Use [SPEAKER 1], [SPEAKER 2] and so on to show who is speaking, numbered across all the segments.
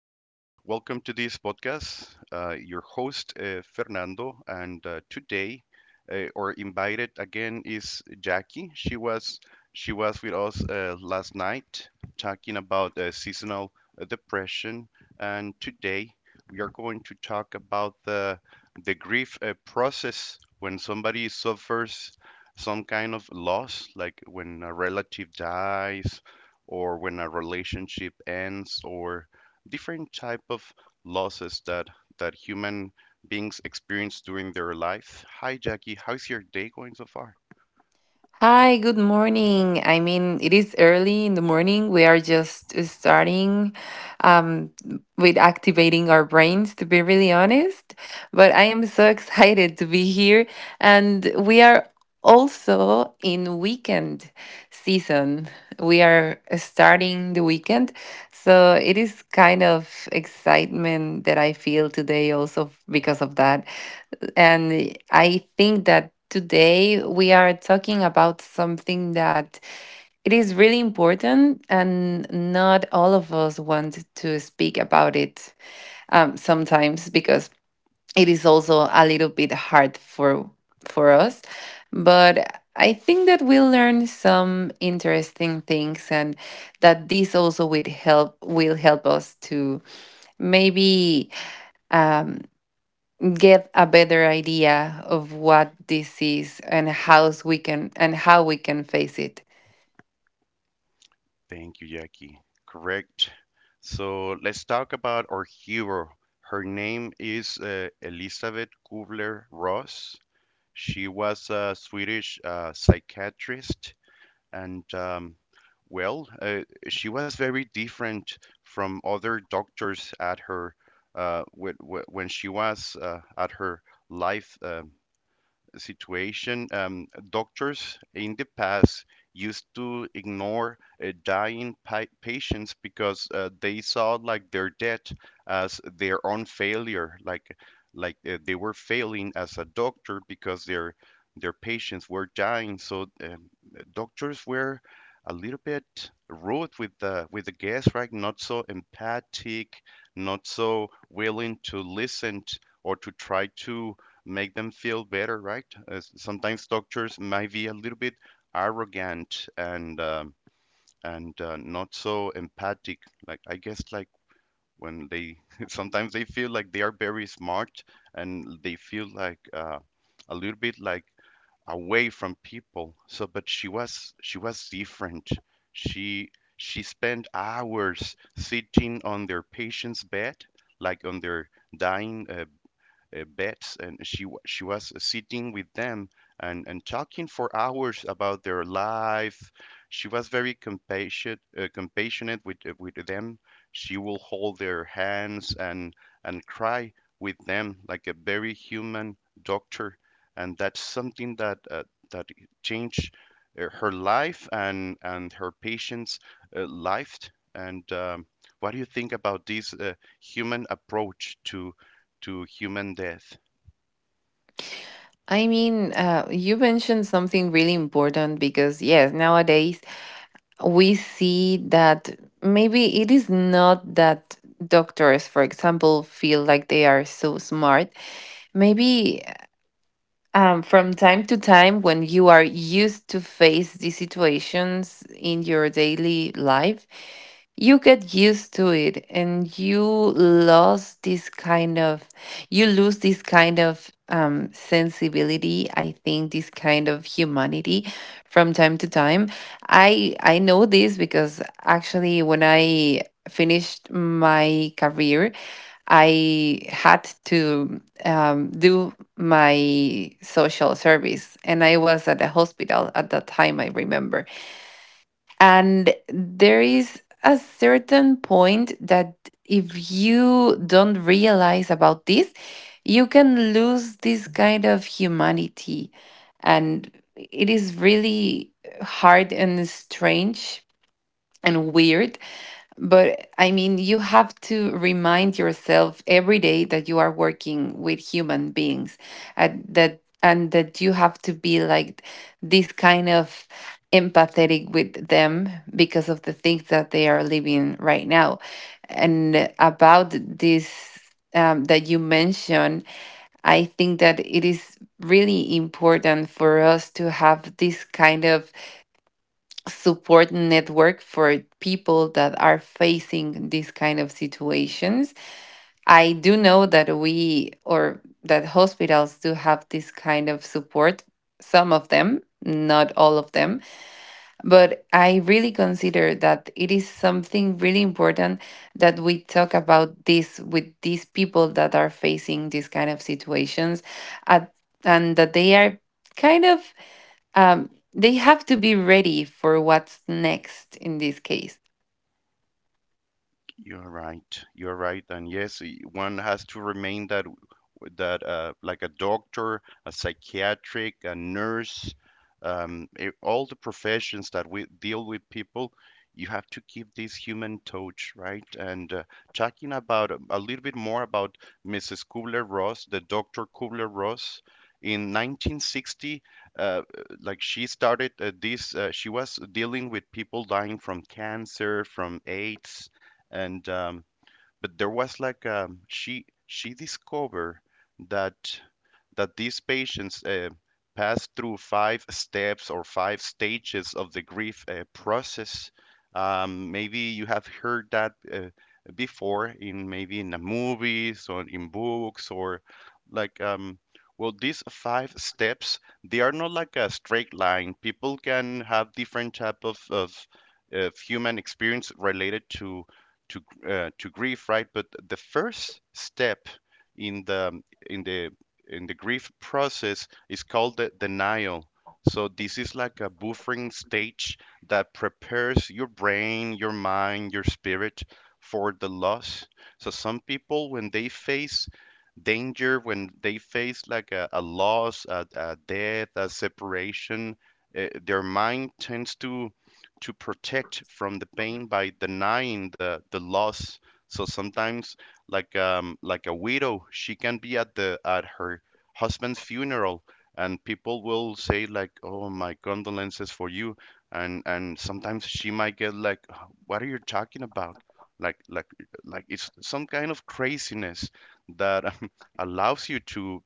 [SPEAKER 1] Welcome to this podcast. Your host, Fernando, and today, or invited again, is Jackie. She was with us last night talking about seasonal depression, and today we are going to talk about the grief process when somebody suffers some kind of loss, like when a relative dies or when a relationship ends or different type of losses that human beings experience during their life. Hi Jackie, how's your day going so far?
[SPEAKER 2] Hi, good morning. I mean, it is early in the morning. We are just starting um, with activating our brains, to be really honest. But I am so excited to be here. And we are also in weekend season. We are starting the weekend. So it is kind of excitement that I feel today, also because of that, and I think that today we are talking about something that it is really important, and not all of us want to speak about it, sometimes because it is also a little bit hard for us. But I think that we learn some interesting things, and that this also would help will help us to maybe um, get a better idea of what this is and how we can and how we can face it.
[SPEAKER 1] Thank you, Jackie. Correct. So let's talk about our hero. Her name is Elizabeth Kubler-Ross. She was a Swedish psychiatrist. And well, uh, she was very different from other doctors at her when she was at her life. Situation, doctors in the past used to ignore dying patients because they saw like their death as their own failure, like like they were failing as a doctor because their patients were dying. So doctors were a little bit rude with the guests, right? Not so empathic, not so willing to or to try to make them feel better, right? Sometimes doctors might be a little bit arrogant and not so empathic. Like I guess like when they sometimes they feel like they are very smart and they feel like a little bit like away from people. So, but she was different. She she spent hours sitting on their patient's bed, like on their dying beds, and she was sitting with them and talking for hours about their life. She was very compassionate, compassionate with them. She will hold their hands and cry with them like a very human doctor, and that's something that that changed her life and and her patients' life. And what do you think about this human approach to human death?
[SPEAKER 2] I mean, you mentioned something really important because, yes, nowadays we see that maybe it is not that doctors, for example, feel like they are so smart. Maybe from time to time, when you are used to face these situations in your daily life, you get used to it and you lose this kind of you lose this kind of sensibility. I think this kind of humanity from time to time. I know this because actually when I finished my career, I had to do my social service, and I was at a hospital at that time, I remember. And there is a certain point that if you don't realize about this, you can lose this kind of humanity. And it is really hard and strange and weird, but I mean, you have to remind yourself every day that you are working with human beings, and that you have to be like this kind of empathetic with them because of the things that they are living right now. And about this, that you mentioned, I think that it is really important for us to have this kind of support network for people that are facing these kind of situations. I do know that we or that hospitals do have this kind of support, some of them, not all of them, but I really consider that it is something really important that we talk about this with these people that are facing these kind of situations at, and that they are kind of, they have to be ready for what's next in this case.
[SPEAKER 1] You're right. You're right. And yes, one has to remain that that like a doctor, a psychiatric, a nurse, all the professions that we deal with people, you have to keep this human touch, right? And talking about a little bit more about Mrs. Kubler-Ross, the Dr. Kubler-Ross, in 1960, uh, like she started she was dealing with people dying from cancer, from AIDS, and but there was like she discovered that these patients pass through five steps or five stages of the grief process. Maybe you have heard that before in maybe in the movies or in books or like well, these five steps, they are not like a straight line. People can have different type of human experience related to to grief, right? But the first step in the in the grief process is called the denial. So this is like a buffering stage that prepares your brain, your mind, your spirit for the loss. So some people, when they face danger, when they face like a loss, a death, a separation, their mind tends to protect from the pain by denying the loss. So sometimes, like a widow, she can be at the at her husband's funeral, and people will say like, "Oh, my condolences for you," and sometimes she might get like, "What are you talking about?" Like like like it's some kind of craziness that allows you to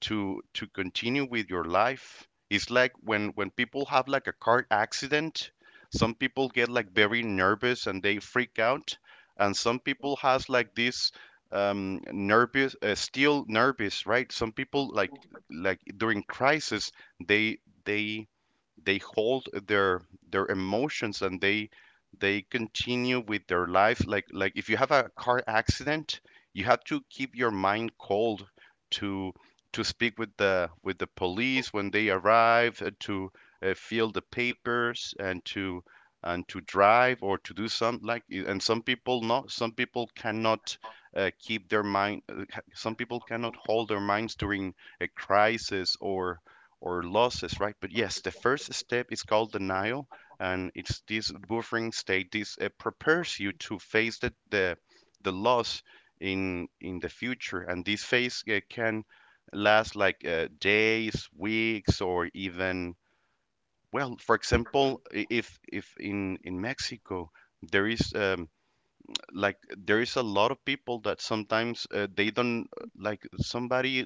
[SPEAKER 1] to to continue with your life. It's like when people have like a car accident, some people get like very nervous and they freak out, and some people has like this nervous, still nervous, right? Some people like during crisis, they they they hold their emotions and they continue with their life, like if you have a car accident, you have to keep your mind cold to speak with the police when they arrive to fill the papers and to drive or to do something like it. And some people not some people cannot keep their mind ha- some people cannot hold their minds during a crisis or losses, right? But yes, the first step is called denial, and it's this buffering state. This prepares you to face the loss in the future, and this phase can last like days, weeks, or even, well. For example, if in Mexico there is like there is a lot of people that sometimes they don't, like, somebody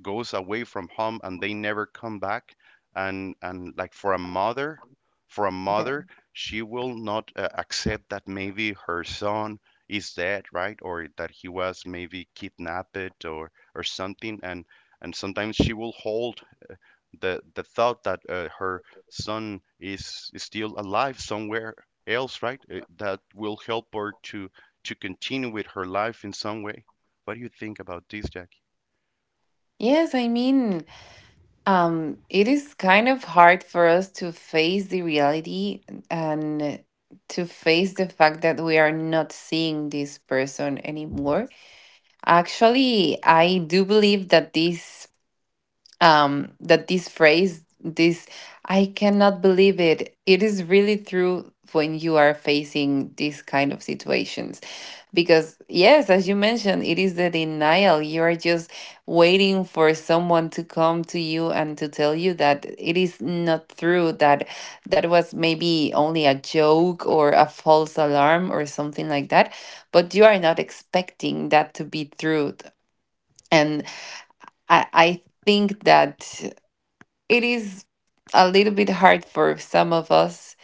[SPEAKER 1] goes away from home and they never come back, and like for a mother, for a
[SPEAKER 2] Yeah.
[SPEAKER 1] mother she will not accept that maybe her son is dead, right? Or that he was maybe kidnapped or something, and sometimes she will hold the thought that her son is still alive somewhere else, right? That will help her to continue with her life in some way. What do you think about this, Jackie?
[SPEAKER 2] Yes, I mean, it is kind of hard for us to face the reality and to face the fact that we are not seeing this person anymore. Actually, I do believe that this phrase, this I cannot believe it. It is really true when you are facing these kind of situations. Because, yes, as you mentioned, it is the denial. You are just waiting for someone to come to you and to tell you that it is not true, that that was maybe only a joke or a false alarm or something like that. But you are not expecting that to be true. And I think that it is a little bit hard for some of us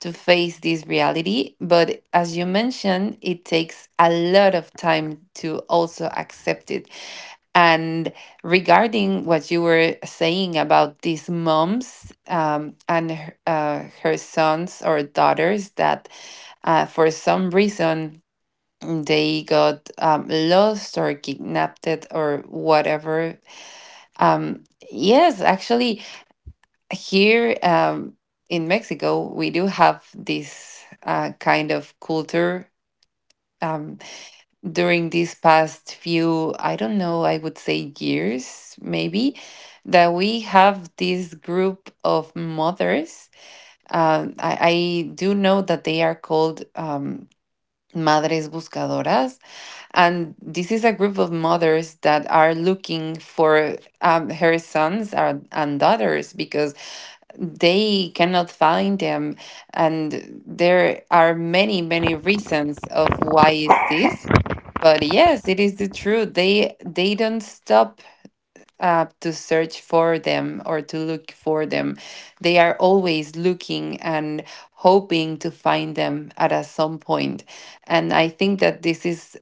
[SPEAKER 2] to face this reality. But as you mentioned, it takes a lot of time to also accept it. And regarding what you were saying about these moms, her sons or daughters that, for some reason, they got lost or kidnapped or whatever. Um, yes, actually, here, in Mexico, we do have this kind of culture. Um, During these past few, I don't know, I would say years maybe, that we have this group of mothers. I do know that they are called Madres Buscadoras. And this is a group of mothers that are looking for her sons and daughters because they cannot find them, and there are many many reasons of why is this. But yes, it is the truth. They don't stop to search for them or to look for them. They are always looking and hoping to find them at a some point. And I think that this is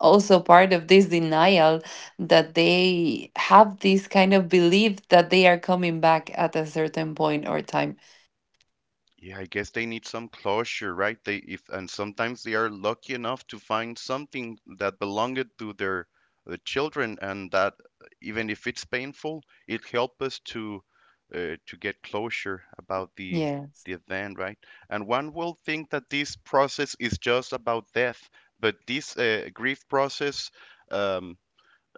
[SPEAKER 2] also part of this denial, that they have this kind of belief that they are coming back at a certain point or time.
[SPEAKER 1] Yeah, I guess they need some closure, right? They, if, and sometimes they are lucky enough to find something that belonged to their children, and that, even if it's painful, it helps us to get closure about the
[SPEAKER 2] Yeah.
[SPEAKER 1] the event, right? And one will think that this process is just about death, but this grief process, Um,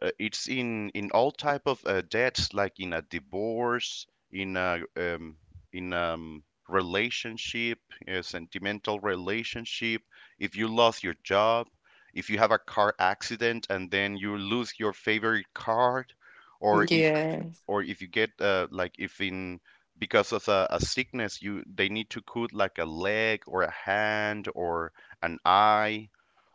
[SPEAKER 1] it's in all type of debts, like in a divorce, in a in relationship, a sentimental relationship. If you lost your job, if you have a car accident and then you lose your favorite card, or if
[SPEAKER 2] Yes.
[SPEAKER 1] you get like if, in, because of a sickness, you, they need to cut like a leg or a hand or an eye,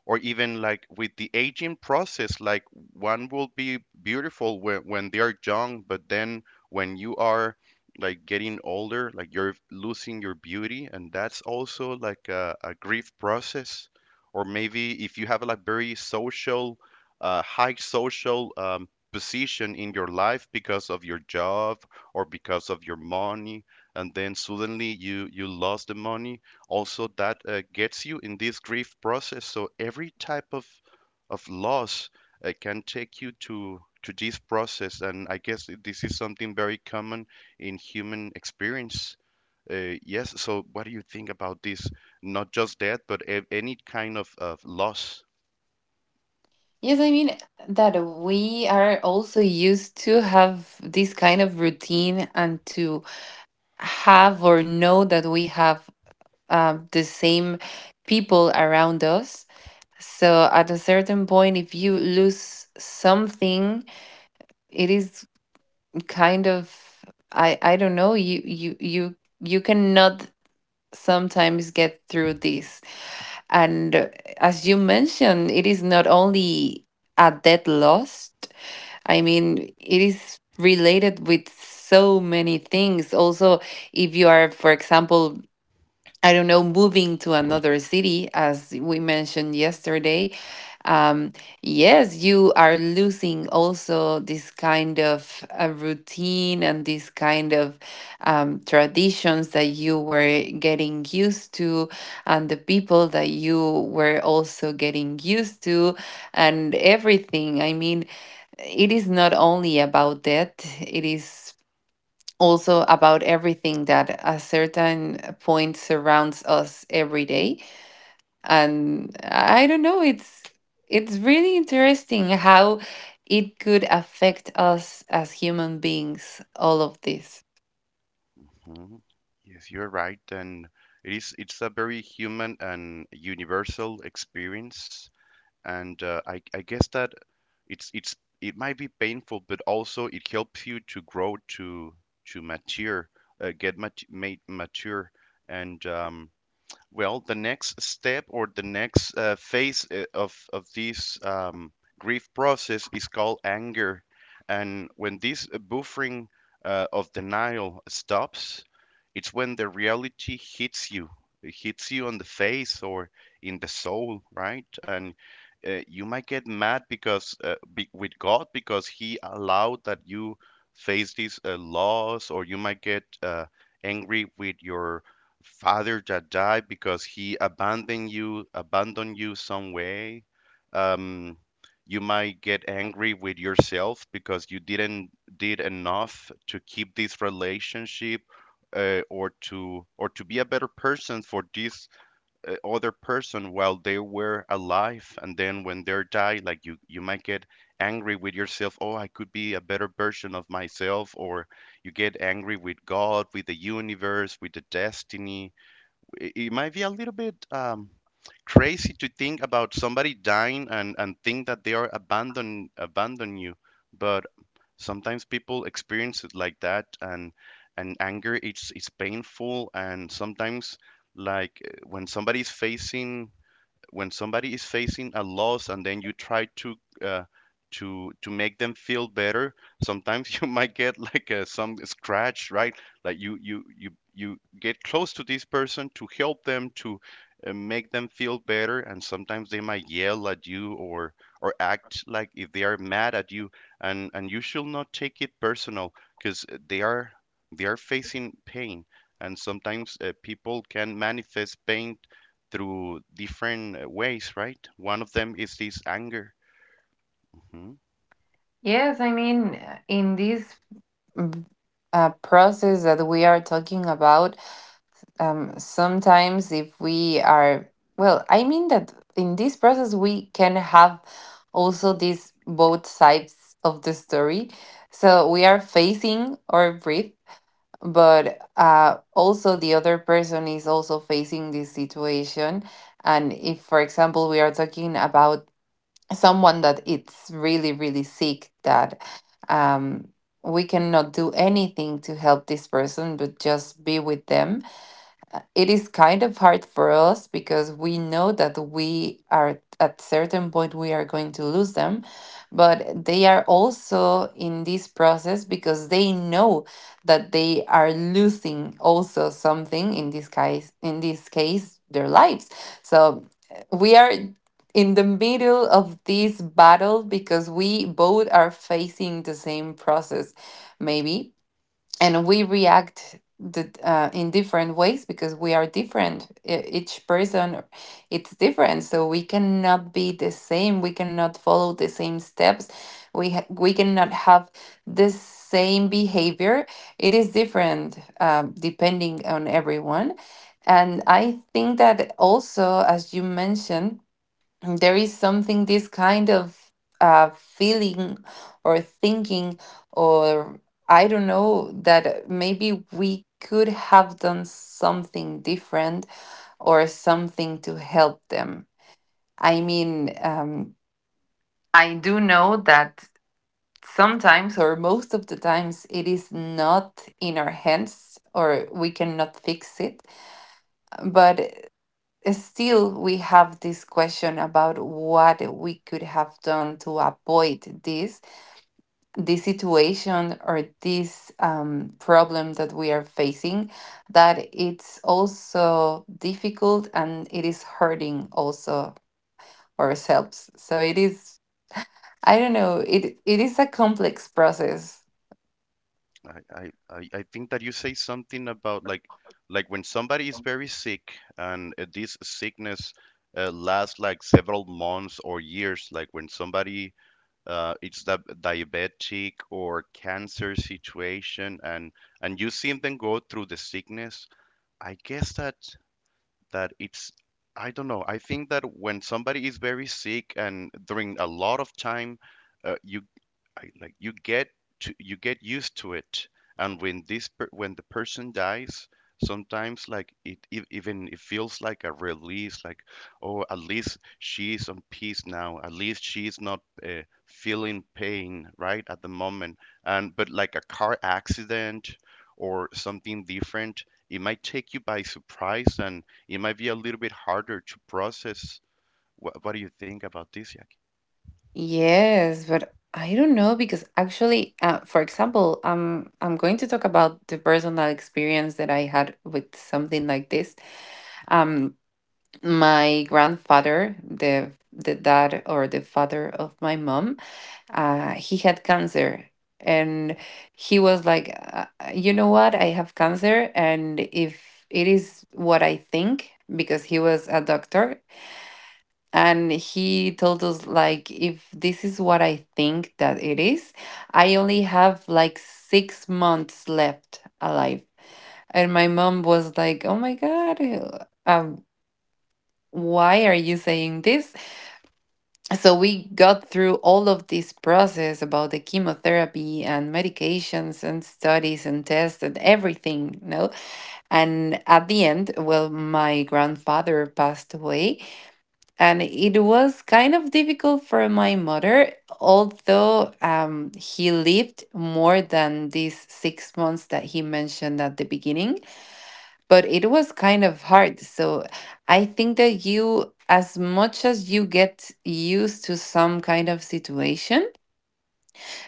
[SPEAKER 1] or even like with the aging process, like one will be beautiful when they are young, but then when you are like getting older, like you're losing your beauty, and that's also like a grief process. Or maybe if you have like very social high social position in your life because of your job or because of your money, and then suddenly you, you lost the money, also that gets you in this grief process. So every type of loss can take you to this process, and I guess this is something very common in human experience. Yes, so what do you think about this, not just death, but any kind of loss?
[SPEAKER 2] Yes, I mean that we are also used to have this kind of routine and to have or know that we have the same people around us. So at a certain point, if you lose something, it is kind of, I don't know, you cannot sometimes get through this. And as you mentioned, it is not only a debt lost. I mean, it is related with so many things. Also, if you are, for example, I don't know, moving to another city, as we mentioned yesterday, um, yes, you are losing also this kind of routine and this kind of traditions that you were getting used to, and the people that you were also getting used to, and everything. I mean, it is not only about that, it is also about everything that a certain point surrounds us every day. And I don't know, it's really interesting how it could affect us as human beings, all of this.
[SPEAKER 1] Mhm. Yes, you're right, and it is, it's a very human and universal experience. And I guess that it's, it might be painful, but also it helps you to grow, to mature, made mature. And um, well, the next step or the next phase of this grief process is called anger. And when this buffering of denial stops, it's when the reality hits you, it hits you on the face or in the soul, right? And you might get mad because with God, because He allowed that you face this loss. Or you might get angry with your father that died because he abandoned you some way. Um, you might get angry with yourself because you didn't did enough to keep this relationship or to be a better person for this other person while they were alive, and then when they die, like you might get angry with yourself, oh, I could be a better version of myself. Or you get angry with God, with the universe, with the destiny. It might be a little bit crazy to think about somebody dying and think that they are abandon, abandon you, but sometimes people experience it like that. And anger, it's painful. And sometimes, like when somebody is facing a loss, and then you try to uh, to make them feel better, sometimes you might get like some scratch, right? Like you get close to this person to help them to make them feel better, and sometimes they might yell at you or act like if they are mad at you. And you should not take it personal, because they are facing pain, and sometimes people can manifest pain through different ways, right? One of them is this anger. Mhm.
[SPEAKER 2] Yes, I mean, in this mm, process that we are talking about, sometimes if we are, well I mean, that in this process we can have also these both sides of the story. So we are facing our grief, but, also the other person is also facing this situation. And if, for example, we are talking about someone that it's really really sick, that um, we cannot do anything to help this person but just be with them, it is kind of hard for us because we know that we are at certain point we are going to lose them. But they are also in this process because they know that they are losing also something, in this case, their lives. So, we are in the middle of this battle because we both are facing the same process, maybe, and we react the, in different ways because we are different. Each person it's different, so we cannot be the same, we cannot follow the same steps, we cannot have the same behavior. It is different, depending on everyone. And I think that, also as you mentioned, there is something, this kind of feeling or thinking or I don't know, that maybe we could have done something different or something to help them. I mean, I do know that sometimes or most of the times it is not in our hands or we cannot fix it, but still we have this question about what we could have done to avoid this, this situation or this problem that we are facing, that it's also difficult and it is hurting also ourselves. So it is, I don't know, it is a complex process.
[SPEAKER 1] I think that you say something about like when somebody is very sick and this sickness lasts like several months or years, like when somebody it's that diabetic or cancer situation and you see them go through the sickness, I guess that that it's I don't know. I think that when somebody is very sick and during a lot of time, uh, you like you get to you get used to it. And when the person dies, sometimes even it feels like a release. Like oh, at least she's on peace now. At least she's not feeling pain right at the moment. And but like a car accident or something different, it might take you by surprise and it might be a little bit harder to process. What do you think about this, Jack?
[SPEAKER 2] Yes, but I don't know, because actually, for example, I'm going to talk about the personal experience that I had with something like this. Um, my grandfather, the dad or the father of my mom, he had cancer, and he was like, you know what, I have cancer, and if it is what I think, because he was a doctor, and he told us, like, if this is what I think that it is, I only have like 6 months left alive. And my mom was like, oh my god, why are you saying this? So we got through all of this process about the chemotherapy and medications and studies and tests and everything, no? And at the end, well, my grandfather passed away, and it was kind of difficult for my mother, although he lived more than these 6 months that he mentioned at the beginning. But it was kind of hard. So I think that, you, as much as you get used to some kind of situation,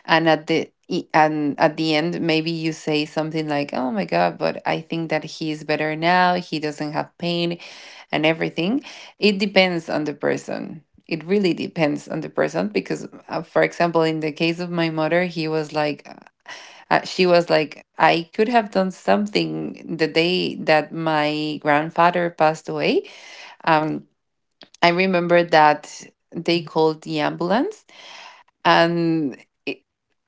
[SPEAKER 2] and at the and at the end, maybe you say something like, oh my god, but I think that he is better now, he doesn't have pain and everything. It depends on the person, it really depends on the person. Because, for example, in the case of my mother, he was like, she was like, I could have done something the day that my grandfather passed away. um I remember that they called the ambulance, and, i-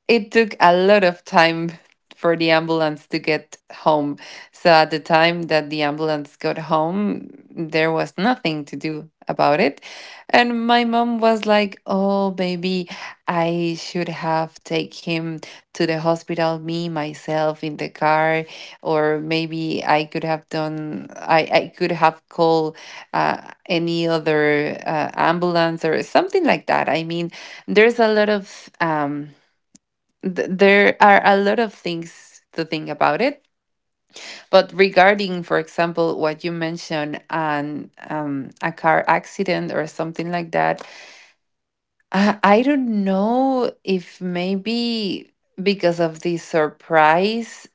[SPEAKER 2] it took a lot of time for the ambulance to get home. So at the time that the ambulance got home, there was nothing to do about it. And my mom was like, "Oh, baby, I should have take him to the hospital me myself in the car, or maybe I could have done, I could have called any other ambulance or something like that." I mean, there's a lot of there are a lot of things to think about it. But regarding, for example, what you mentioned on, a car accident or something like that, I don't know if maybe because of the surprise,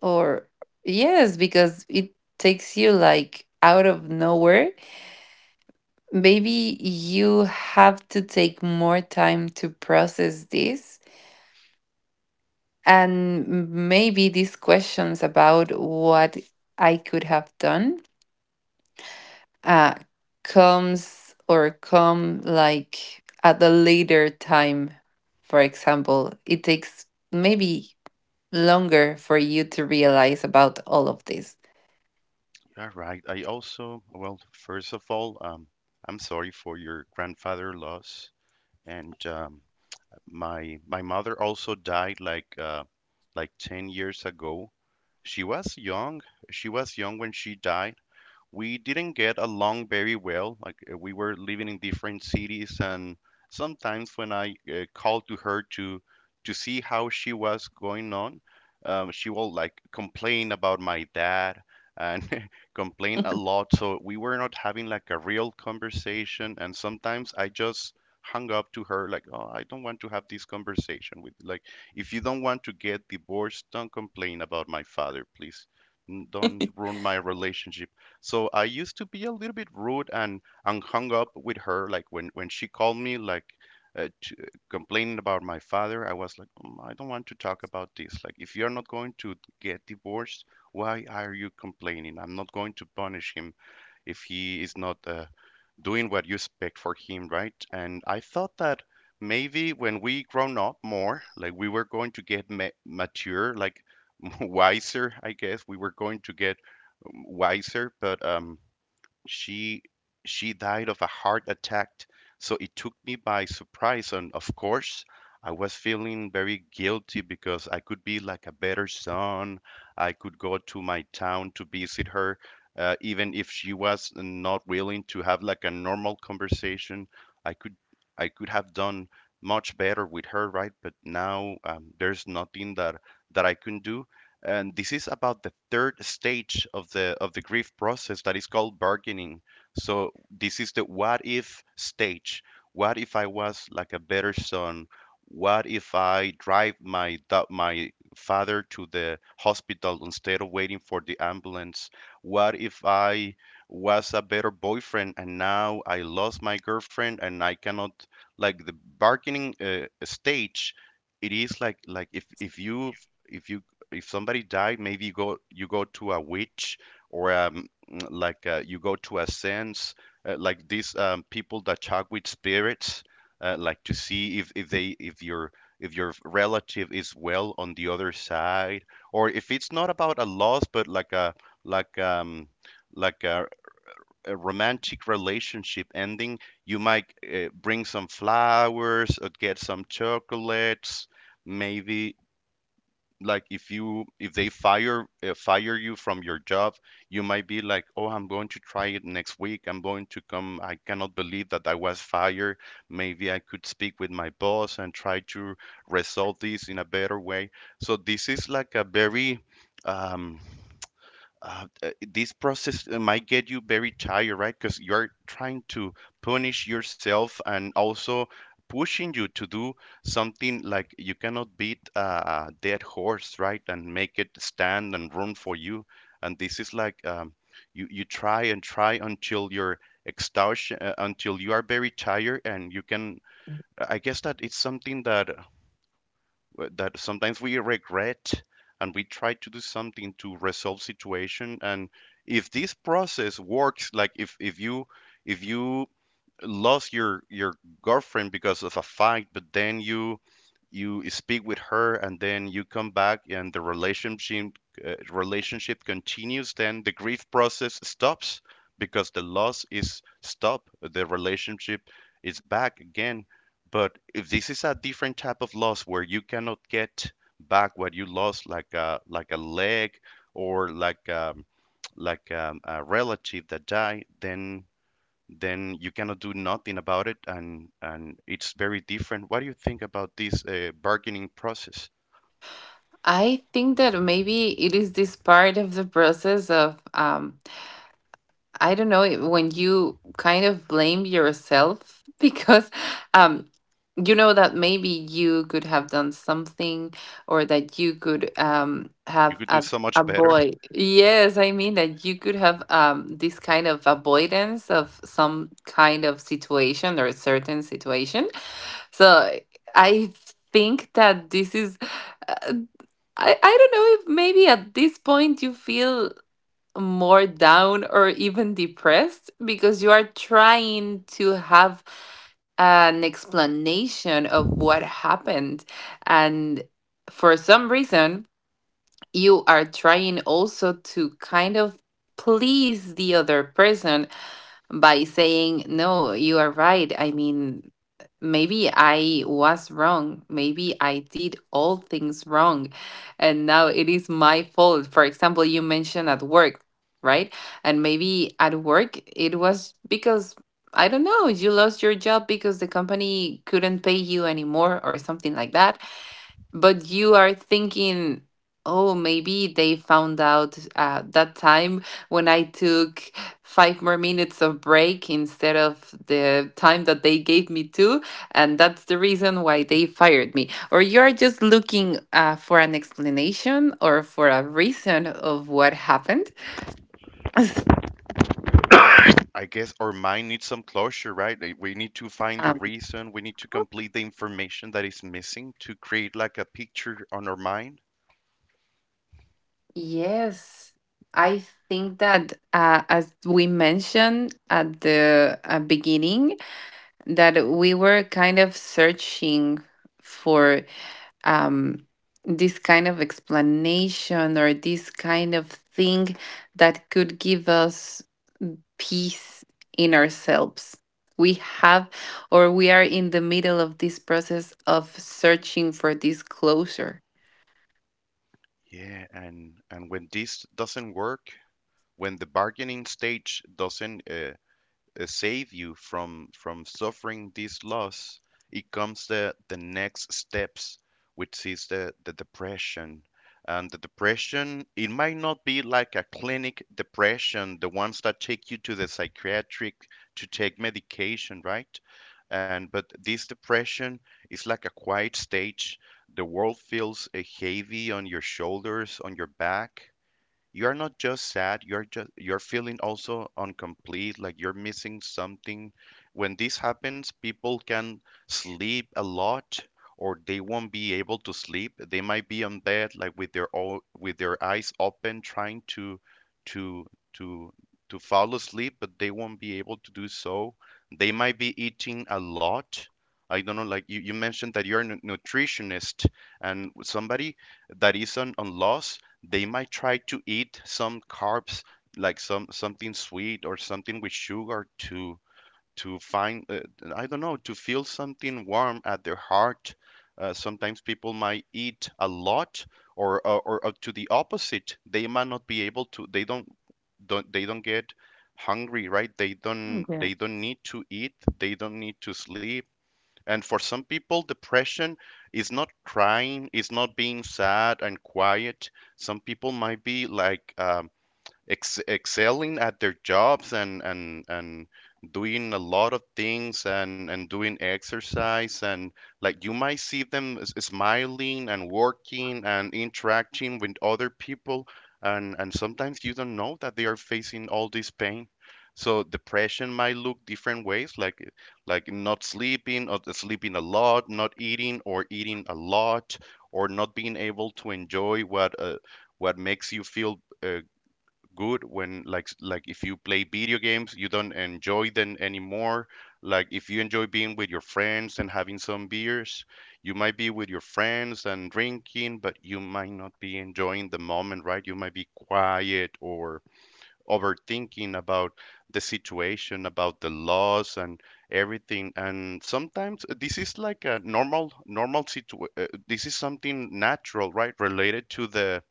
[SPEAKER 2] or, yes, because it takes you like out of nowhere, maybe you have to take more time to process this. And, maybe these questions about what I could have done uh, comes or come like at a later time. For example, it takes maybe longer for you to realize about all of this.
[SPEAKER 1] You're right. I also, well, first of all, I'm sorry for your grandfather loss, and my mother also died like like 10 years ago. She was young. She was young when she died. We didn't get along very well. Like we were living in different cities, and sometimes when I called to her to see how she was going on, she will like complain about my dad and complain a lot. So we were not having like a real conversation, and sometimes I just hung up to her like, "Oh, I don't want to have this conversation with." Like if you don't want to get divorced, don't complain about my father, please. Don't ruin my relationship. So I used to be a little bit rude and hung up with her. Like when she called me, like complaining about my father, I was like, "Mm, I don't want to talk about this. Like if you're not going to get divorced, why are you complaining? I'm not going to punish him if he is not doing what you expect for him, right?" And I thought that maybe when we grown up more, like we were going to get mature, like wiser, I guess we were going to get wiser, but she she died of a heart attack, so it took me by surprise, and of course I was feeling very guilty because I could be like a better son. I could go to my town to visit her, even if she was not willing to have like a normal conversation. i could I could have done much better with her, right? But now there's nothing that I can do. And this is about the third stage of the grief process that is called bargaining. So this is the what if stage. What if I was like a better son? What if I drive my father to the hospital instead of waiting for the ambulance? What if I was a better boyfriend and now I lost my girlfriend and I cannot? Like the bargaining stage, it is like if you if you, if somebody died, maybe you go to a witch or like you go to a sense, like these people that talk with spirits, like to see if they, if your, if your relative is well on the other side, or if it's not about a loss, but like a like like a romantic relationship ending, you might bring some flowers or get some chocolates, maybe like if you, if they fire you from your job, you might be like, "Oh, I'm going to try it next week, I'm going to come. I cannot believe that I was fired. Maybe I could speak with my boss and try to resolve this in a better way." So this is like a very um, this process might get you very tired, right? Because you're trying to punish yourself and also pushing you to do something. Like you cannot beat a dead horse, right? And make it stand and run for you. And this is like you try and try until you're exhaustion, until you are very tired, and you can. I guess that it's something that that sometimes we regret and we try to do something to resolve situation. And if this process works, like if you if you lost your girlfriend because of a fight, but then you speak with her and then you come back and the relationship continues, then the grief process stops because the loss is stopped. The relationship is back again. But if this is a different type of loss where you cannot get back what you lost, like a leg or like a relative that died, then you cannot do nothing about it. And it's very different. What do you think about this bargaining process?
[SPEAKER 2] I think that maybe it is this part of the process of, I don't know, when you kind of blame yourself because um you know that maybe you could have done something or that you could
[SPEAKER 1] You
[SPEAKER 2] have
[SPEAKER 1] could do so much
[SPEAKER 2] a
[SPEAKER 1] better.
[SPEAKER 2] boy. Yes, I mean that you could have this kind of avoidance of some kind of situation or a certain situation. So I think that this is, uh, I don't know if maybe at this point you feel more down or even depressed because you are trying to have an explanation of what happened. And for some reason, you are trying also to kind of please the other person by saying, no, you are right. I mean, maybe I was wrong. Maybe I did all things wrong. And now it is my fault. For example, you mentioned at work, right? And maybe at work, it was because, I don't know, you lost your job because the company couldn't pay you anymore or something like that, but you are thinking, oh, maybe they found out that time when I took 5 more minutes of break instead of the time that they gave me to, and that's the reason why they fired me. Or you're just looking for an explanation or for a reason of what happened.
[SPEAKER 1] I guess our mind needs some closure, right? Like, we need to find the
[SPEAKER 3] Um,
[SPEAKER 1] reason, we need to complete the information that is missing to create like a picture on our mind.
[SPEAKER 3] yes, I think that as we mentioned at the beginning, that we were kind of searching for um, this kind of explanation or this kind of thing that could give us peace in ourselves. We have, or we are in the middle of this process of searching for this closure.
[SPEAKER 1] Yeah, and when this doesn't work, when the bargaining stage doesn't save you from suffering this loss, it comes the next steps, which is the depression. And the depression, it might not be like a clinic depression, the ones that take you to the psychiatric to take medication, right? And but this depression is like a quiet stage. The world feels heavy on your shoulders, on your back. You're not just sad, you're just, you're feeling also incomplete, like you're missing something. When this happens, people can sleep a lot, or they won't be able to sleep. They might be on bed like with their with their eyes open trying to to to fall asleep, but they won't be able to do so. They might be eating a lot. I don't know, like you mentioned that you're a nutritionist, and somebody that is on loss, they might try to eat some carbs, like something sweet or something with sugar to find I don't know, to feel something warm at their heart. Sometimes people might eat a lot, or to the opposite, they might not be able to, they don't they don't get hungry, right? They don't,
[SPEAKER 3] Yeah.
[SPEAKER 1] they don't need to eat, they don't need to sleep. And for some people, depression is not crying, is not being sad and quiet. Some people might be like excelling at their jobs, and and doing a lot of things, and doing exercise, and like you might see them smiling and working and interacting with other people, and sometimes you don't know that they are facing all this pain. So depression might look different ways, like not sleeping or sleeping a lot, not eating or eating a lot, or not being able to enjoy what makes you feel uh, good. When like if you play video games you don't enjoy them anymore, like if you enjoy being with your friends and having some beers, you might be with your friends and drinking, but you might not be enjoying the moment, right? You might be quiet or overthinking about the situation, about the loss and everything. And sometimes this is like a normal situ this is something natural, right, related to the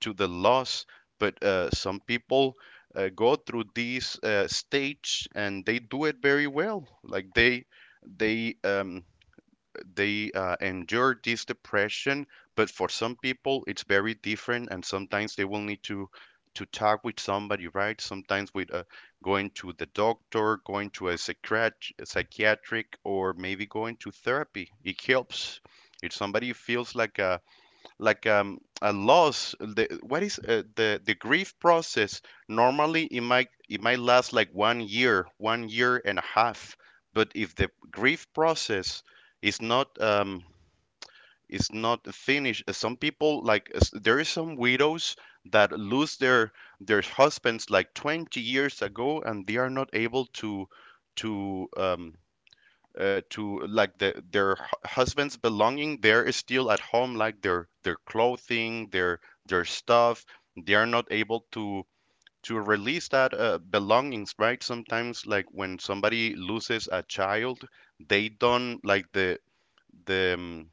[SPEAKER 1] loss. But some people go through these stage and they do it very well, like they they um, endure this depression. But for some people it's very different, and sometimes they will need to talk with somebody, right? Sometimes with going to the doctor, going to a psychiatric, or maybe going to therapy, it helps. If somebody feels like a loss, the, what is the grief process normally, it might last like 1 year, 1 year and a half. But if the grief process is not um is not finished, some people, like there is some widows that lose their husbands like 20 years ago, and they are not able to to um like the, their husband's belonging, there is still at home, like their clothing, their stuff. They are not able to release that belongings, right? Sometimes like when somebody loses a child, they don't like the the um,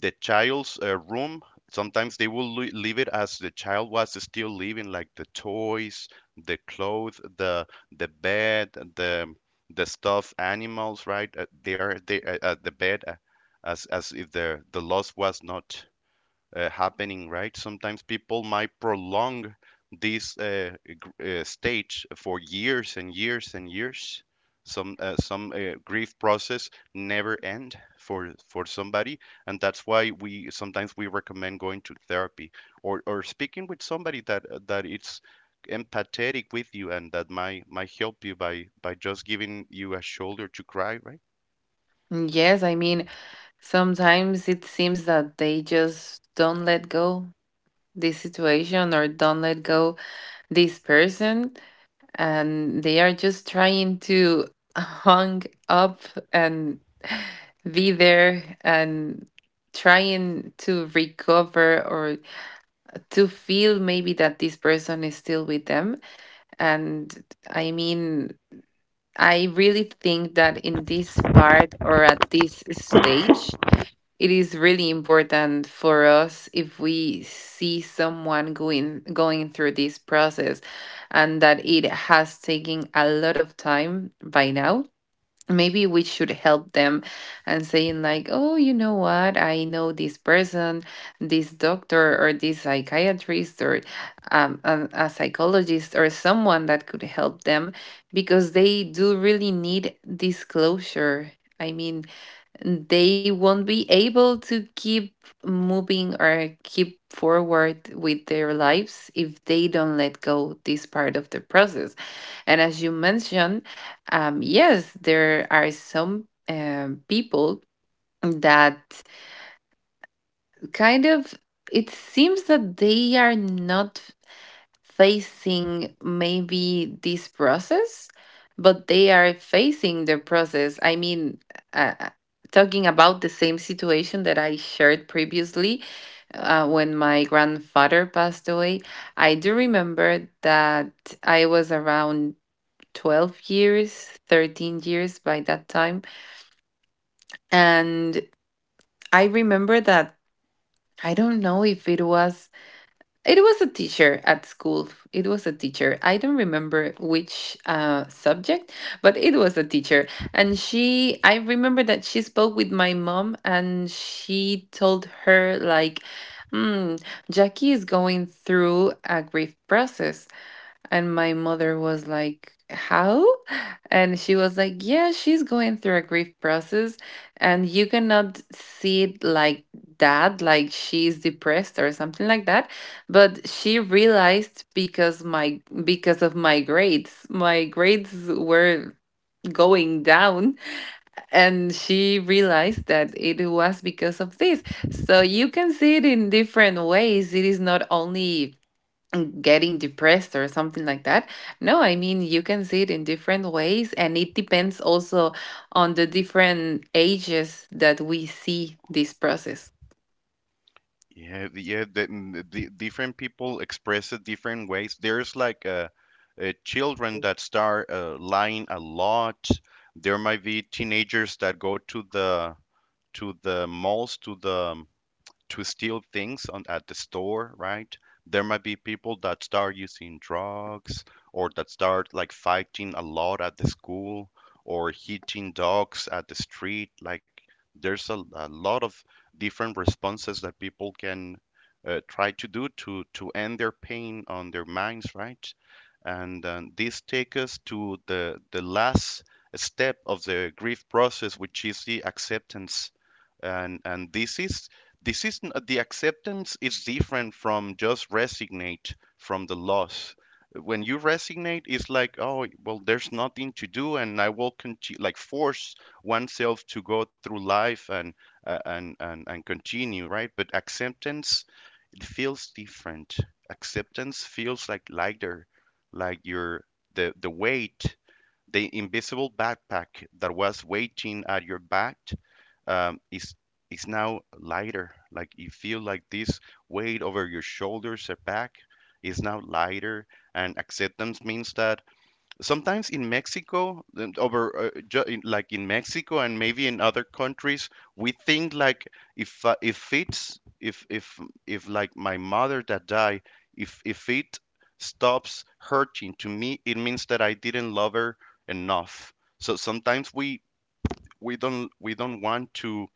[SPEAKER 1] the child's room. Sometimes they will leave it as the child was still living, like the toys, the clothes, the bed, the stuffed animals, right? They are, they at the bed, as if the loss was not happening, right? Sometimes people might prolong this stage for years and years and years. Some grief process never end for somebody, and that's why we sometimes we recommend going to therapy or speaking with somebody that it's empathetic with you and that might help you by just giving you a shoulder to cry, right?
[SPEAKER 3] Yes, I mean, sometimes it seems that they just don't let go this situation or don't let go this person, and they are just trying to hung up and be there and trying to recover or to feel maybe that this person is still with them. And I mean, I really think that in this part or at this stage, it is really important for us if we see someone going through this process and that it has taken a lot of time by now, maybe we should help them and saying like, oh, you know what, I know this person, this doctor or this psychiatrist or a psychologist or someone that could help them, because they do really need this closure. I mean, they won't be able to keep moving or keep forward with their lives if they don't let go this part of the process. And as you mentioned, yes, there are some people that kind of, it seems that they are not facing maybe this process, but they are facing the process. I mean, uh, talking about the same situation that I shared previously, when my grandfather passed away, I do remember that I was around 12 years, 13 years by that time. And I remember that I don't know if it was, it was a teacher at school. It was a teacher. I don't remember which subject, but it was a teacher. And she, I remember that she spoke with my mom and she told her, like, mm, Jackie is going through a grief process. And my mother was like, how? And she was like, yeah, she's going through a grief process, and you cannot see it like that, like she's depressed or something like that. But she realized because my because of my grades were going down, and she realized that it was because of this. So you can see it in different ways. It is not only getting depressed or something like that. No, I mean, you can see it in different ways, and it depends also on the different ages that we see this process.
[SPEAKER 1] The different people express it different ways. There's like children that start lying a lot. There might be teenagers that go to the malls, to the to steal things on at the store, right? There might be people that start using drugs or that start like fighting a lot at the school or hitting dogs at the street. Like there's a lot of different responses that people can try to do to end their pain on their minds, right? And this takes us to the last step of the grief process, which is the acceptance and this is the acceptance is different from just resignate from the loss. When you resignate it's like, oh, well, there's nothing to do, and I will continue, like, force oneself to go through life, and continue, right? But acceptance, it feels different. Acceptance feels like lighter, like your, the weight, the invisible backpack that was waiting at your back, um, is is now lighter. Like you feel like this weight over your shoulders or back is now lighter, and acceptance means that sometimes in Mexico, like in Mexico and maybe in other countries, we think like, if it's if like my mother that died, if it stops hurting to me, it means that I didn't love her enough. So sometimes we don't want to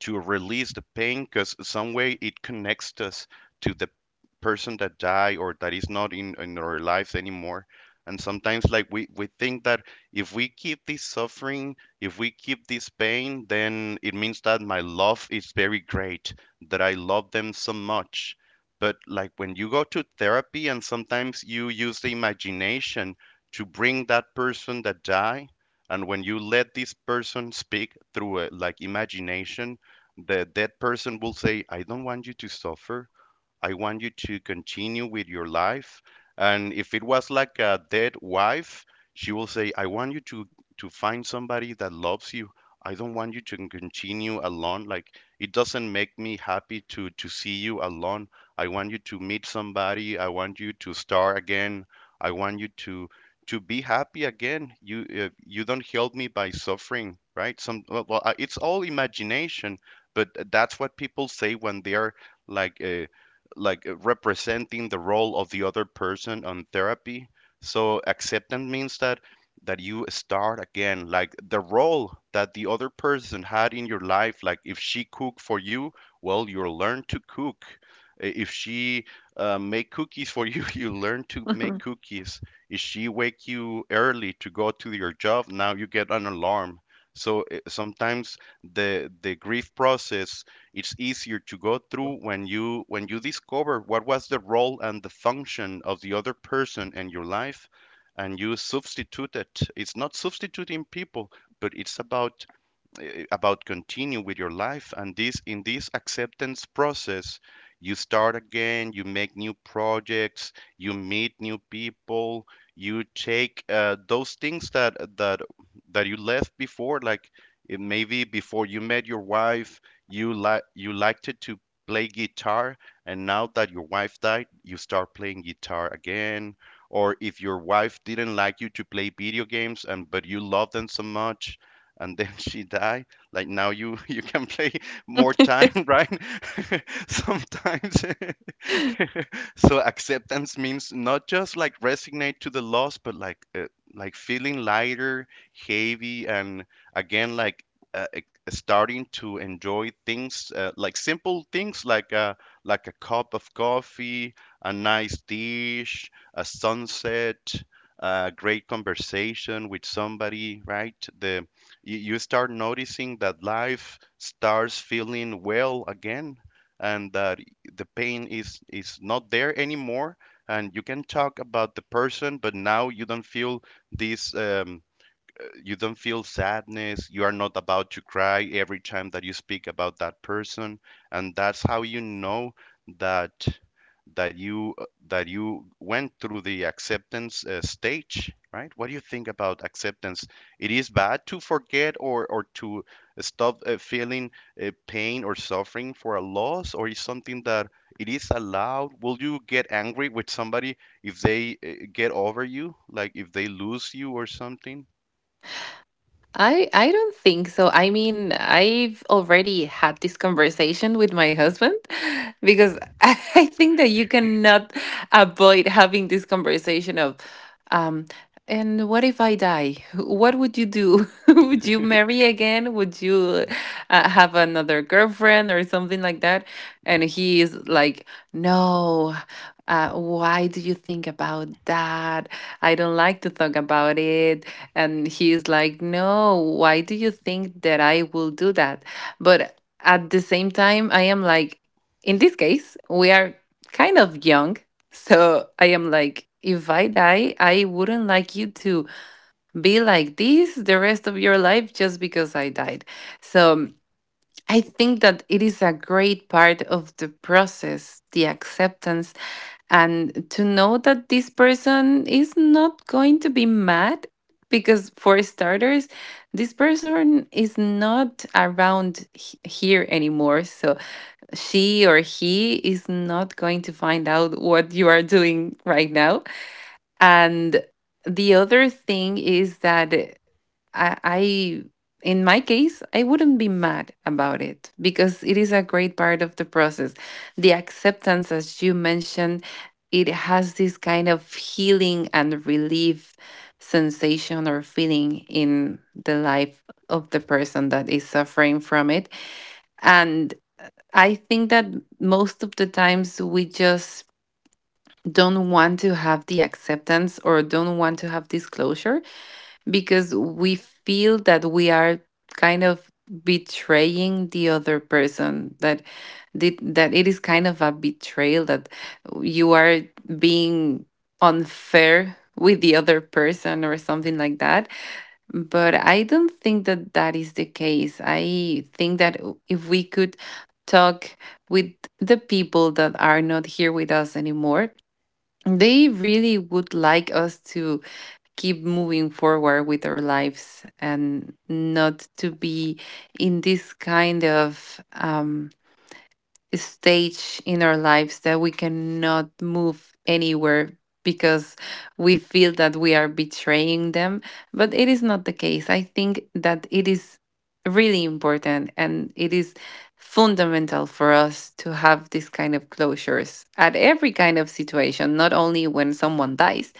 [SPEAKER 1] release the pain because some way it connects us to the person that died or that is not in our lives anymore. And sometimes like we think that if we keep this suffering, if we keep this pain, then it means that my love is very great, that I love them so much. But like when you go to therapy and sometimes you use the imagination to bring that person that died, and when you let this person speak through a, like, imagination, the dead person will say, I don't want you to suffer. I want you to continue with your life. And if it was like a dead wife, she will say, I want you to find somebody that loves you. I don't want you to continue alone. Like, it doesn't make me happy to see you alone. I want you to meet somebody. I want you to start again. I want you to be happy again. You you don't help me by suffering, right? Well, it's all imagination, but that's what people say when they are like uh, like representing the role of the other person on therapy. So acceptance means that you start again, like the role that the other person had in your life. Like if she cooked for you, well, you learn to cook. If she make cookies for you, you learn to make cookies. If she wake you early to go to your job, now you get an alarm. So sometimes the grief process, it's easier to go through when you discover what was the role and the function of the other person in your life, and you substitute it. It's not substituting people, but it's about about continue with your life. And this acceptance process, you start again, you make new projects, you meet new people, you take those things that you left before, like, it maybe before you met your wife, you liked it to play guitar, and now that your wife died, you start playing guitar again. Or if your wife didn't like you to play video games, and but you love them so much, and then she died, like now you you can play more time, right? Sometimes. So acceptance means not just like resignate to the loss, but like feeling lighter, heavy, and again, like, starting to enjoy things, like simple things, like a, like a cup of coffee, a nice dish, a sunset, a great conversation with somebody, right? The you start noticing that life starts feeling well again, and that the pain is not there anymore. And you can talk about the person, but now you don't feel this you don't feel sadness. You are not about to cry every time that you speak about that person. And that's how you know that that you that you went through the acceptance stage, right? What do you think about acceptance? It is bad to forget or to stop feeling pain or suffering for a loss? Or is something that it is allowed? Will you get angry with somebody if they get over you, like if they lose you or something?
[SPEAKER 3] I don't think so. I mean, I've already had this conversation with my husband because I think that you cannot avoid having this conversation of um and what if I die? What would you do? Would you marry again? Would you have another girlfriend or something like that? And he is like, "No. Why do you think about that? I don't like to talk about it." And he's like, no, why do you think that I will do that? But at the same time, I am like, in this case, we are kind of young. So I am like, if I die, I wouldn't like you to be like this the rest of your life just because I died. So I think that it is a great part of the process, the acceptance, and to know that this person is not going to be mad, because for starters, this person is not around here anymore, so she or he is not going to find out what you are doing right now. And the other thing is that I in my case, I wouldn't be mad about it because it is a great part of the process. The acceptance, as you mentioned, it has this kind of healing and relief sensation or feeling in the life of the person that is suffering from it. And I think that most of the times we just don't want to have the acceptance or don't want to have disclosure, because we feel that we are kind of betraying the other person, that that it is kind of a betrayal, that you are being unfair with the other person or something like that. But I don't think that that is the case. I think that if we could talk with the people that are not here with us anymore, they really would like us to keep moving forward with our lives and not to be in this kind of stage in our lives that we cannot move anywhere because we feel that we are betraying them. But it is not the case. I think that it is really important and it is fundamental for us to have this kind of closures at every kind of situation, not only when someone dies,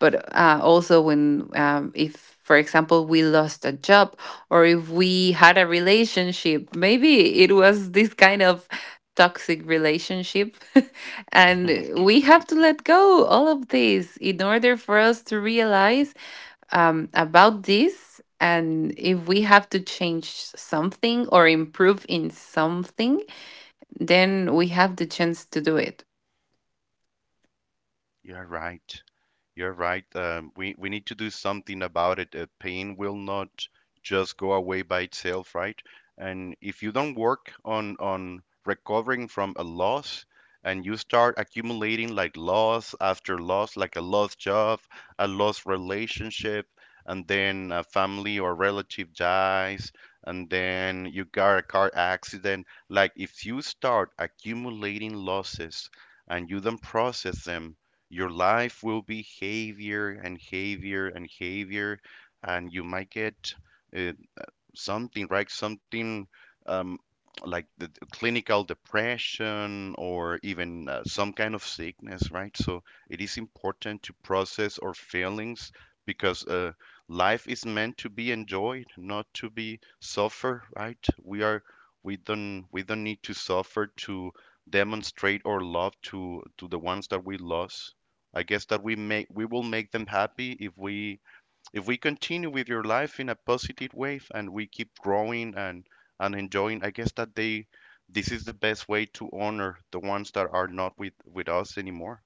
[SPEAKER 3] but also when, if, for example, we lost a job or if we had a relationship, maybe it was this kind of toxic relationship. And we have to let go all of this in order for us to realize about this, and if we have to change something or improve in something, then we have the chance to do it.
[SPEAKER 1] You're right. You're right. We need to do something about it. Pain will not just go away by itself, right? And if you don't work on recovering from a loss, and you start accumulating like loss after loss, like a lost job, a lost relationship, and then a family or relative dies, and then you got a car accident, like if you start accumulating losses and you don't process them, your life will be heavier and heavier and heavier, and you might get uh, something, right? Something um, like clinical depression, or even some kind of sickness, right? So it is important to process our feelings, because life is meant to be enjoyed, not to be suffer, right? We don't need to suffer to demonstrate our love to the ones that we lost. I guess that we will make them happy if we continue with your life in a positive way, and we keep growing and enjoying. I guess that they, this is the best way to honor the ones that are not with us anymore.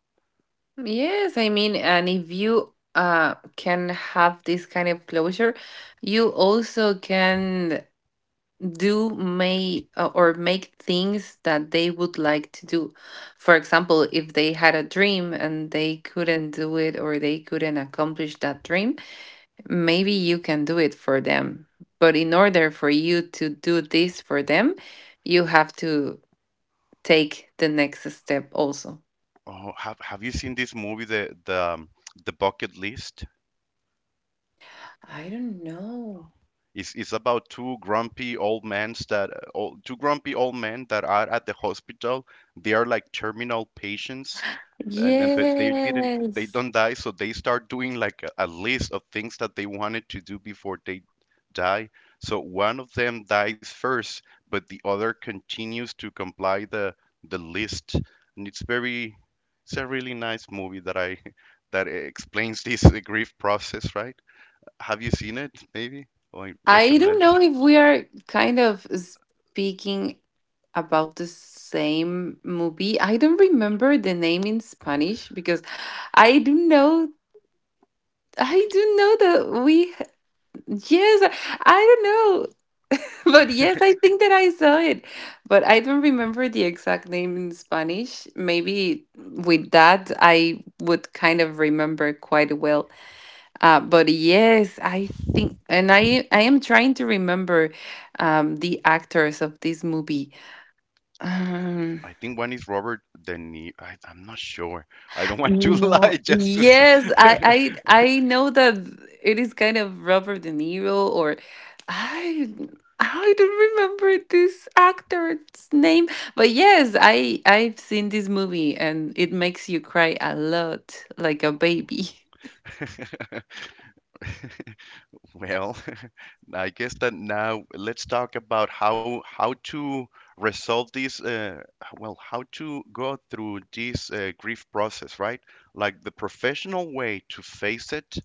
[SPEAKER 3] Yes, I mean, and if you can have this kind of closure, you also can do may or make things that they would like to do. For example, if they had a dream and they couldn't do it or they couldn't accomplish that dream, maybe you can do it for them. But in order for you to do this for them, you have to take the next step also.
[SPEAKER 1] Oh, have you seen this movie, the Bucket List?
[SPEAKER 3] I don't know.
[SPEAKER 1] It's about two grumpy old men that two grumpy old men that are at the hospital. They are like terminal patients, and but they
[SPEAKER 3] Yes.
[SPEAKER 1] don't die, so they start doing like a list of things that they wanted to do before they die. So one of them dies first, but the other continues to comply the list, and it's very, it's a really nice movie that I that explains this grief process, right? Have you seen it? Maybe, or I
[SPEAKER 3] I don't
[SPEAKER 1] recommend it.
[SPEAKER 3] know if we are kind of speaking about the same movie. I don't remember the name in Spanish because I do know I do know that we, yes, I don't know. But yes, I think that I saw it. But I don't remember the exact name in Spanish. Maybe with that I would kind of remember quite well, but yes, I think, and I am trying to remember the actors of this movie. Um,
[SPEAKER 1] I think one is Robert De Niro. I, I'm not sure. I don't want to
[SPEAKER 3] no,
[SPEAKER 1] lie just
[SPEAKER 3] yes,
[SPEAKER 1] to.
[SPEAKER 3] I know that it is kind of Robert De Niro, or I I don't remember this actor's name, but yes, I've seen this movie, and it makes you cry a lot, like a baby.
[SPEAKER 1] s- Well, I guess that now let's talk about how to resolve this. Well, how to go through this grief process, right? Like the professional way to face it.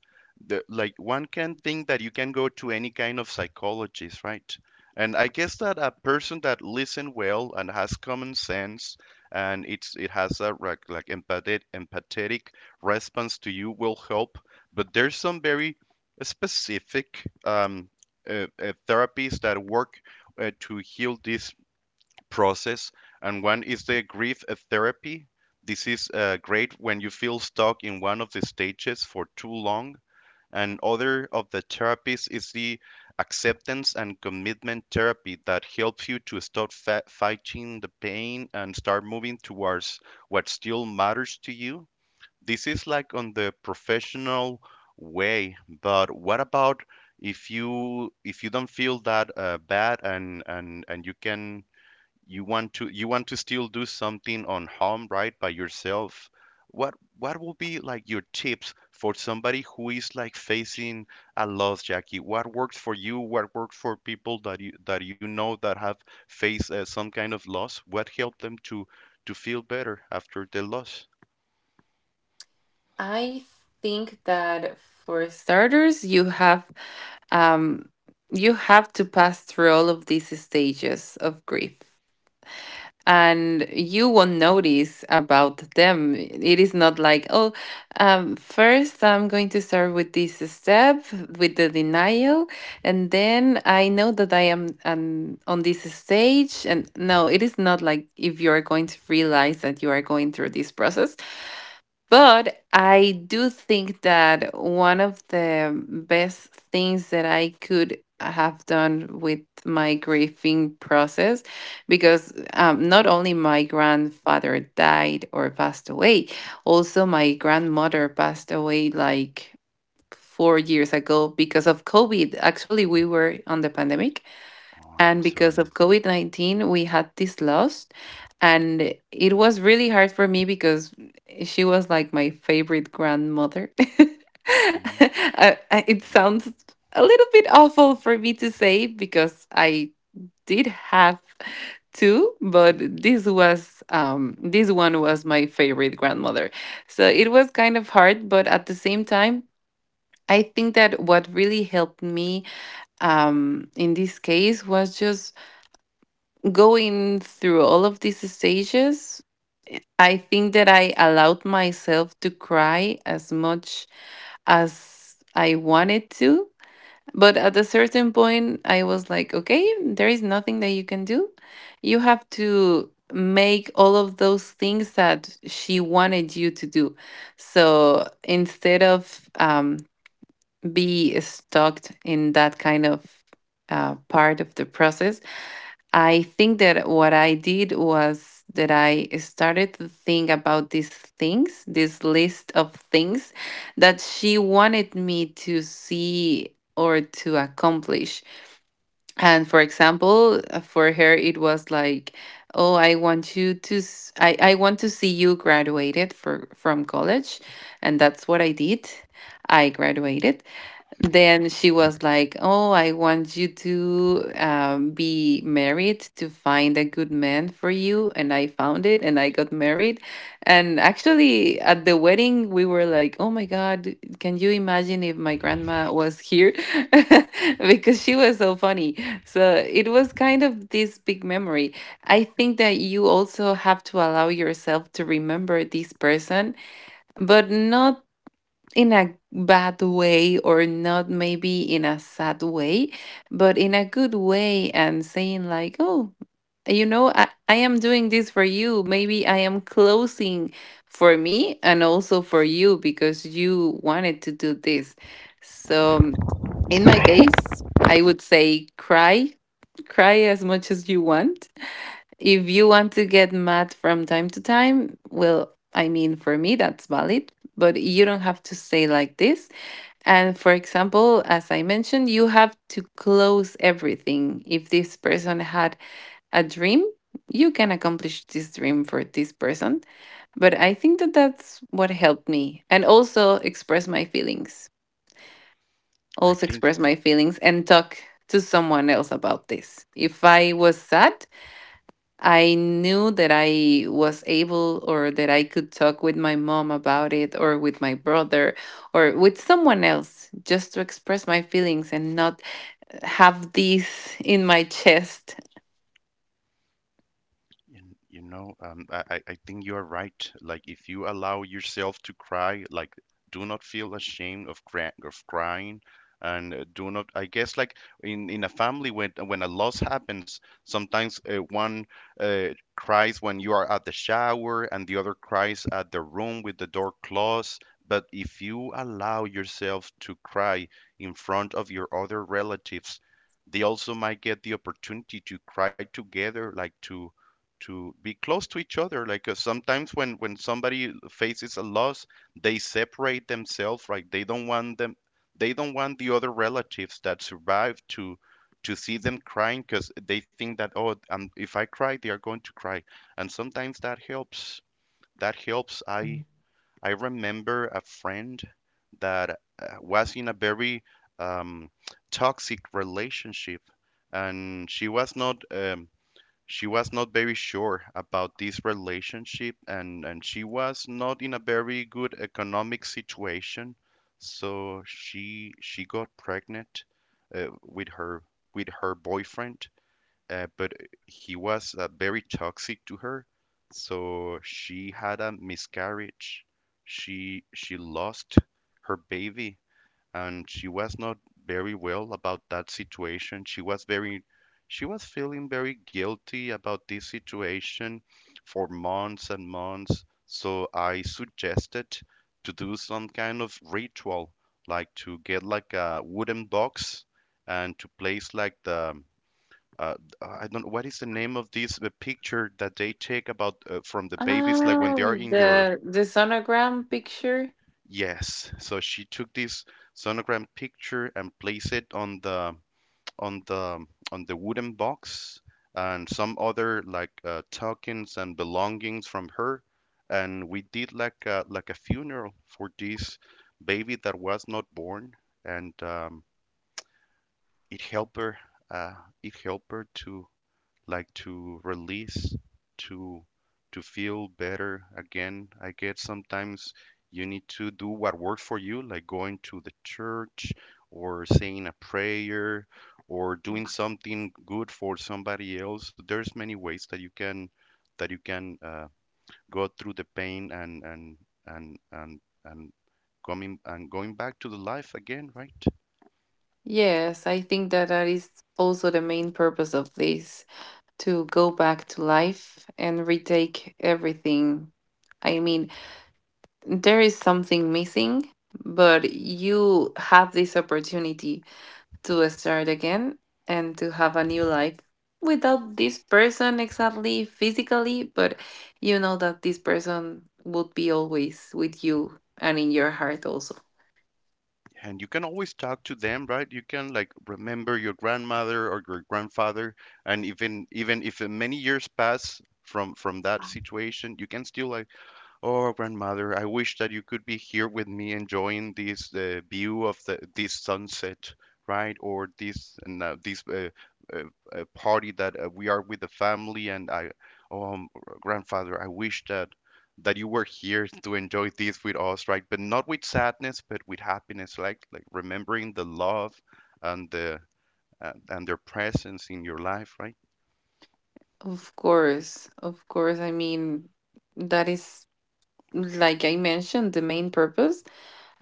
[SPEAKER 1] The, like, one can think that you can go to any kind of psychologist, right? And I guess that a person that listen well and has common sense, and it's it has a like, empathetic response to you will help. But there's some very specific therapies that work to heal this process. And one is the grief therapy. This is great when you feel stuck in one of the stages for too long. And other of the therapies is the acceptance and commitment therapy, that helps you to stop fighting the pain and start moving towards what still matters to you. This is like on the professional way, but what about if you don't feel that bad, and and you can, you want to still do something on home, right, by yourself? What will be like your tips for somebody who is like facing a loss, Jackie? What works for you? What works for people that you know that have faced some kind of loss? What helped them to feel better after the loss?
[SPEAKER 3] I think that for starters, um, you have to pass through all of these stages of grief. And you won't notice about them. It is not like, oh, first I'm going to start with this step, with the denial, and then I know that I am on this stage. And no, it is not like if you are going to realize that you are going through this process, but I do think that one of the best things that I could have done with my grieving process, because not only my grandfather died or passed away, also my grandmother passed away like 4 years ago because of COVID. Actually, we were on the pandemic.
[SPEAKER 1] Oh, I'm
[SPEAKER 3] And because
[SPEAKER 1] sorry.
[SPEAKER 3] of COVID 19, we had this loss. And it was really hard for me because she was like my favorite grandmother. It
[SPEAKER 1] I
[SPEAKER 3] sounds a little bit awful for me to say because I did have two, but this was this one was my favorite grandmother. So it was kind of hard, but at the same time, I think that what really helped me in this case was just going through all of these stages. I think that I allowed myself to cry as much as I wanted to. But at a certain point, I was like, okay, there is nothing that you can do. You have to make all of those things that she wanted you to do. So instead of be stuck in that kind of part of the process, I think that what I did was that I started to think about these things, this list of things that she wanted me to see or to accomplish. And for example, for her, it was like, oh, I want you to, I want to see you graduated from college. And that's what I did. I graduated. Then she was like, oh, I want you to be married, to find a good man for you. And I found it and I got married. And actually, at the wedding, we were like, oh my God, can you imagine if my grandma was here? Because she was so funny. So it was kind of this big memory. I think that you also have to allow yourself to remember this person, but not in a bad way or not maybe in a sad way, but in a good way, and saying like, oh, you know, I am doing this for you. Maybe I am closing for me and also for you because you wanted to do this. So in my case I would say cry, cry as much as you want. If you want to get mad from time to time, well, I mean, for me that's valid, but you don't have to say like this. And for example, as I mentioned, you have to close everything. If this person had a dream, you can accomplish this dream for this person. But I think that that's what helped me. And also express my feelings. Also
[SPEAKER 1] think.
[SPEAKER 3] express my feelings and talk to someone else about this. If I was sad, I knew that I was able or that I could talk with my mom about it or with my brother or with someone else, just to express my feelings and not have these in my chest.
[SPEAKER 1] You, you know, I think you are right. Like, if you allow yourself to cry, like, do not feel ashamed of crying, and do not. I guess, like, in a family, when a loss happens, sometimes one uh, cries when you are at the shower, and the other cries at the room with the door closed. But if you allow yourself to cry in front of your other relatives, they also might get the opportunity to cry together, like to be close to each other, like sometimes when somebody faces a loss, they separate themselves, right? They don't want them, they don't want the other relatives that survived to see them crying, because they think that, oh, if I cry, they are going to cry. And sometimes that helps, that helps. I remember a friend that was in a very um, toxic relationship, and she was not very sure about this relationship, and she was not in a very good economic situation. So she got pregnant uh, with her with her boyfriend, but he was very toxic to her. So she had a miscarriage, she lost her baby. And she was not very well about that situation. She was very she was feeling very guilty about this situation for months and months. So I suggested to do some kind of ritual, like to get like a wooden box and to place like the uh, I don't know what is the name of this, the picture that they take about from the babies, like when they
[SPEAKER 3] Oh,
[SPEAKER 1] are in your
[SPEAKER 3] the sonogram picture?
[SPEAKER 1] Yes. So she took this sonogram picture and placed it on the on the on the wooden box and some other, like tokens and belongings from her. And we did like a funeral for this baby that was not born, and it helped her. Uh, it helped her to like to release to to feel better again. I guess sometimes you need to do what works for you, like going to the church or saying a prayer or doing something good for somebody else. There's many ways that you can that you can go through the pain, and and coming and going back to the life again, right?
[SPEAKER 3] Yes, I think that that is also the main purpose of this, to go back to life and retake everything. I mean, there is something missing, but you have this opportunity to start again and to have a new life without this person exactly physically, but you know that this person would be always with you and in your heart also.
[SPEAKER 1] And you can always talk to them, right? You can like remember your grandmother or your grandfather. And even if many years pass from that situation, you can still like, oh, grandmother, I wish that you could be here with me enjoying this view of the this sunset, right? Or this and this uh, party that we are with the family. And I, um, grandfather, I wish that that you were here to enjoy this with us, right? But not with sadness, but with happiness, like remembering the love and the and their presence in your life, right?
[SPEAKER 3] Of course, I mean, that is, like I mentioned, the main purpose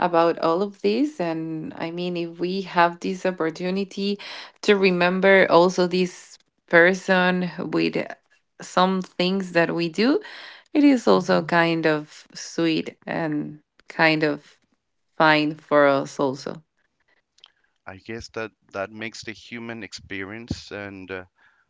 [SPEAKER 3] about all of this. And I mean, if we have this opportunity to remember also this person with some things that we do, it is also kind of sweet and kind of fine for us, also.
[SPEAKER 1] I guess that that makes the human experience. And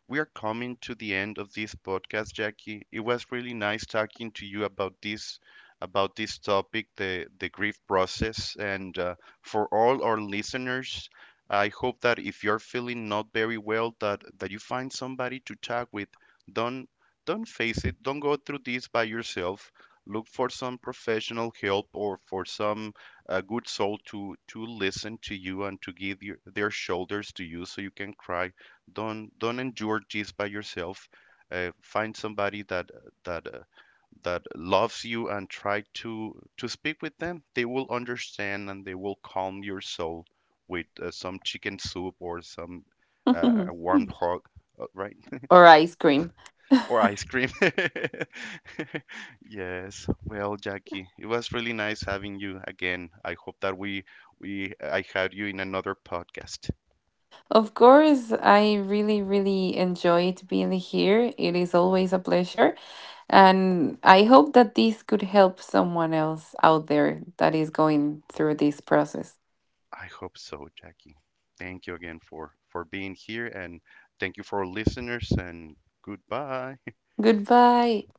[SPEAKER 1] we are coming to the end of this podcast, Jackie. It was really nice talking to you about this topic, the grief process. And for all our listeners, I hope that if you're feeling not very well, that that you find somebody to talk with. Don't don't face it. Don't go through this by yourself. Look for some professional help or for some a good soul to listen to you and to give your, their shoulders to you, so you can cry. Don't endure this by yourself. Find somebody that that uh, that loves you and try to speak with them. They will understand and they will calm your soul with some chicken soup or some
[SPEAKER 3] Or
[SPEAKER 1] a warm hug, right?
[SPEAKER 3] ice cream.
[SPEAKER 1] Or ice cream. Yes. Well, Jackie, it was really nice having you again. I hope that we I had you in another podcast.
[SPEAKER 3] Of course, I really, really enjoyed being here. It is always a pleasure. And I hope that this could help someone else out there that is going through this process.
[SPEAKER 1] I hope so, Jackie. Thank you again for being here and thank you for our listeners and goodbye.
[SPEAKER 3] Goodbye.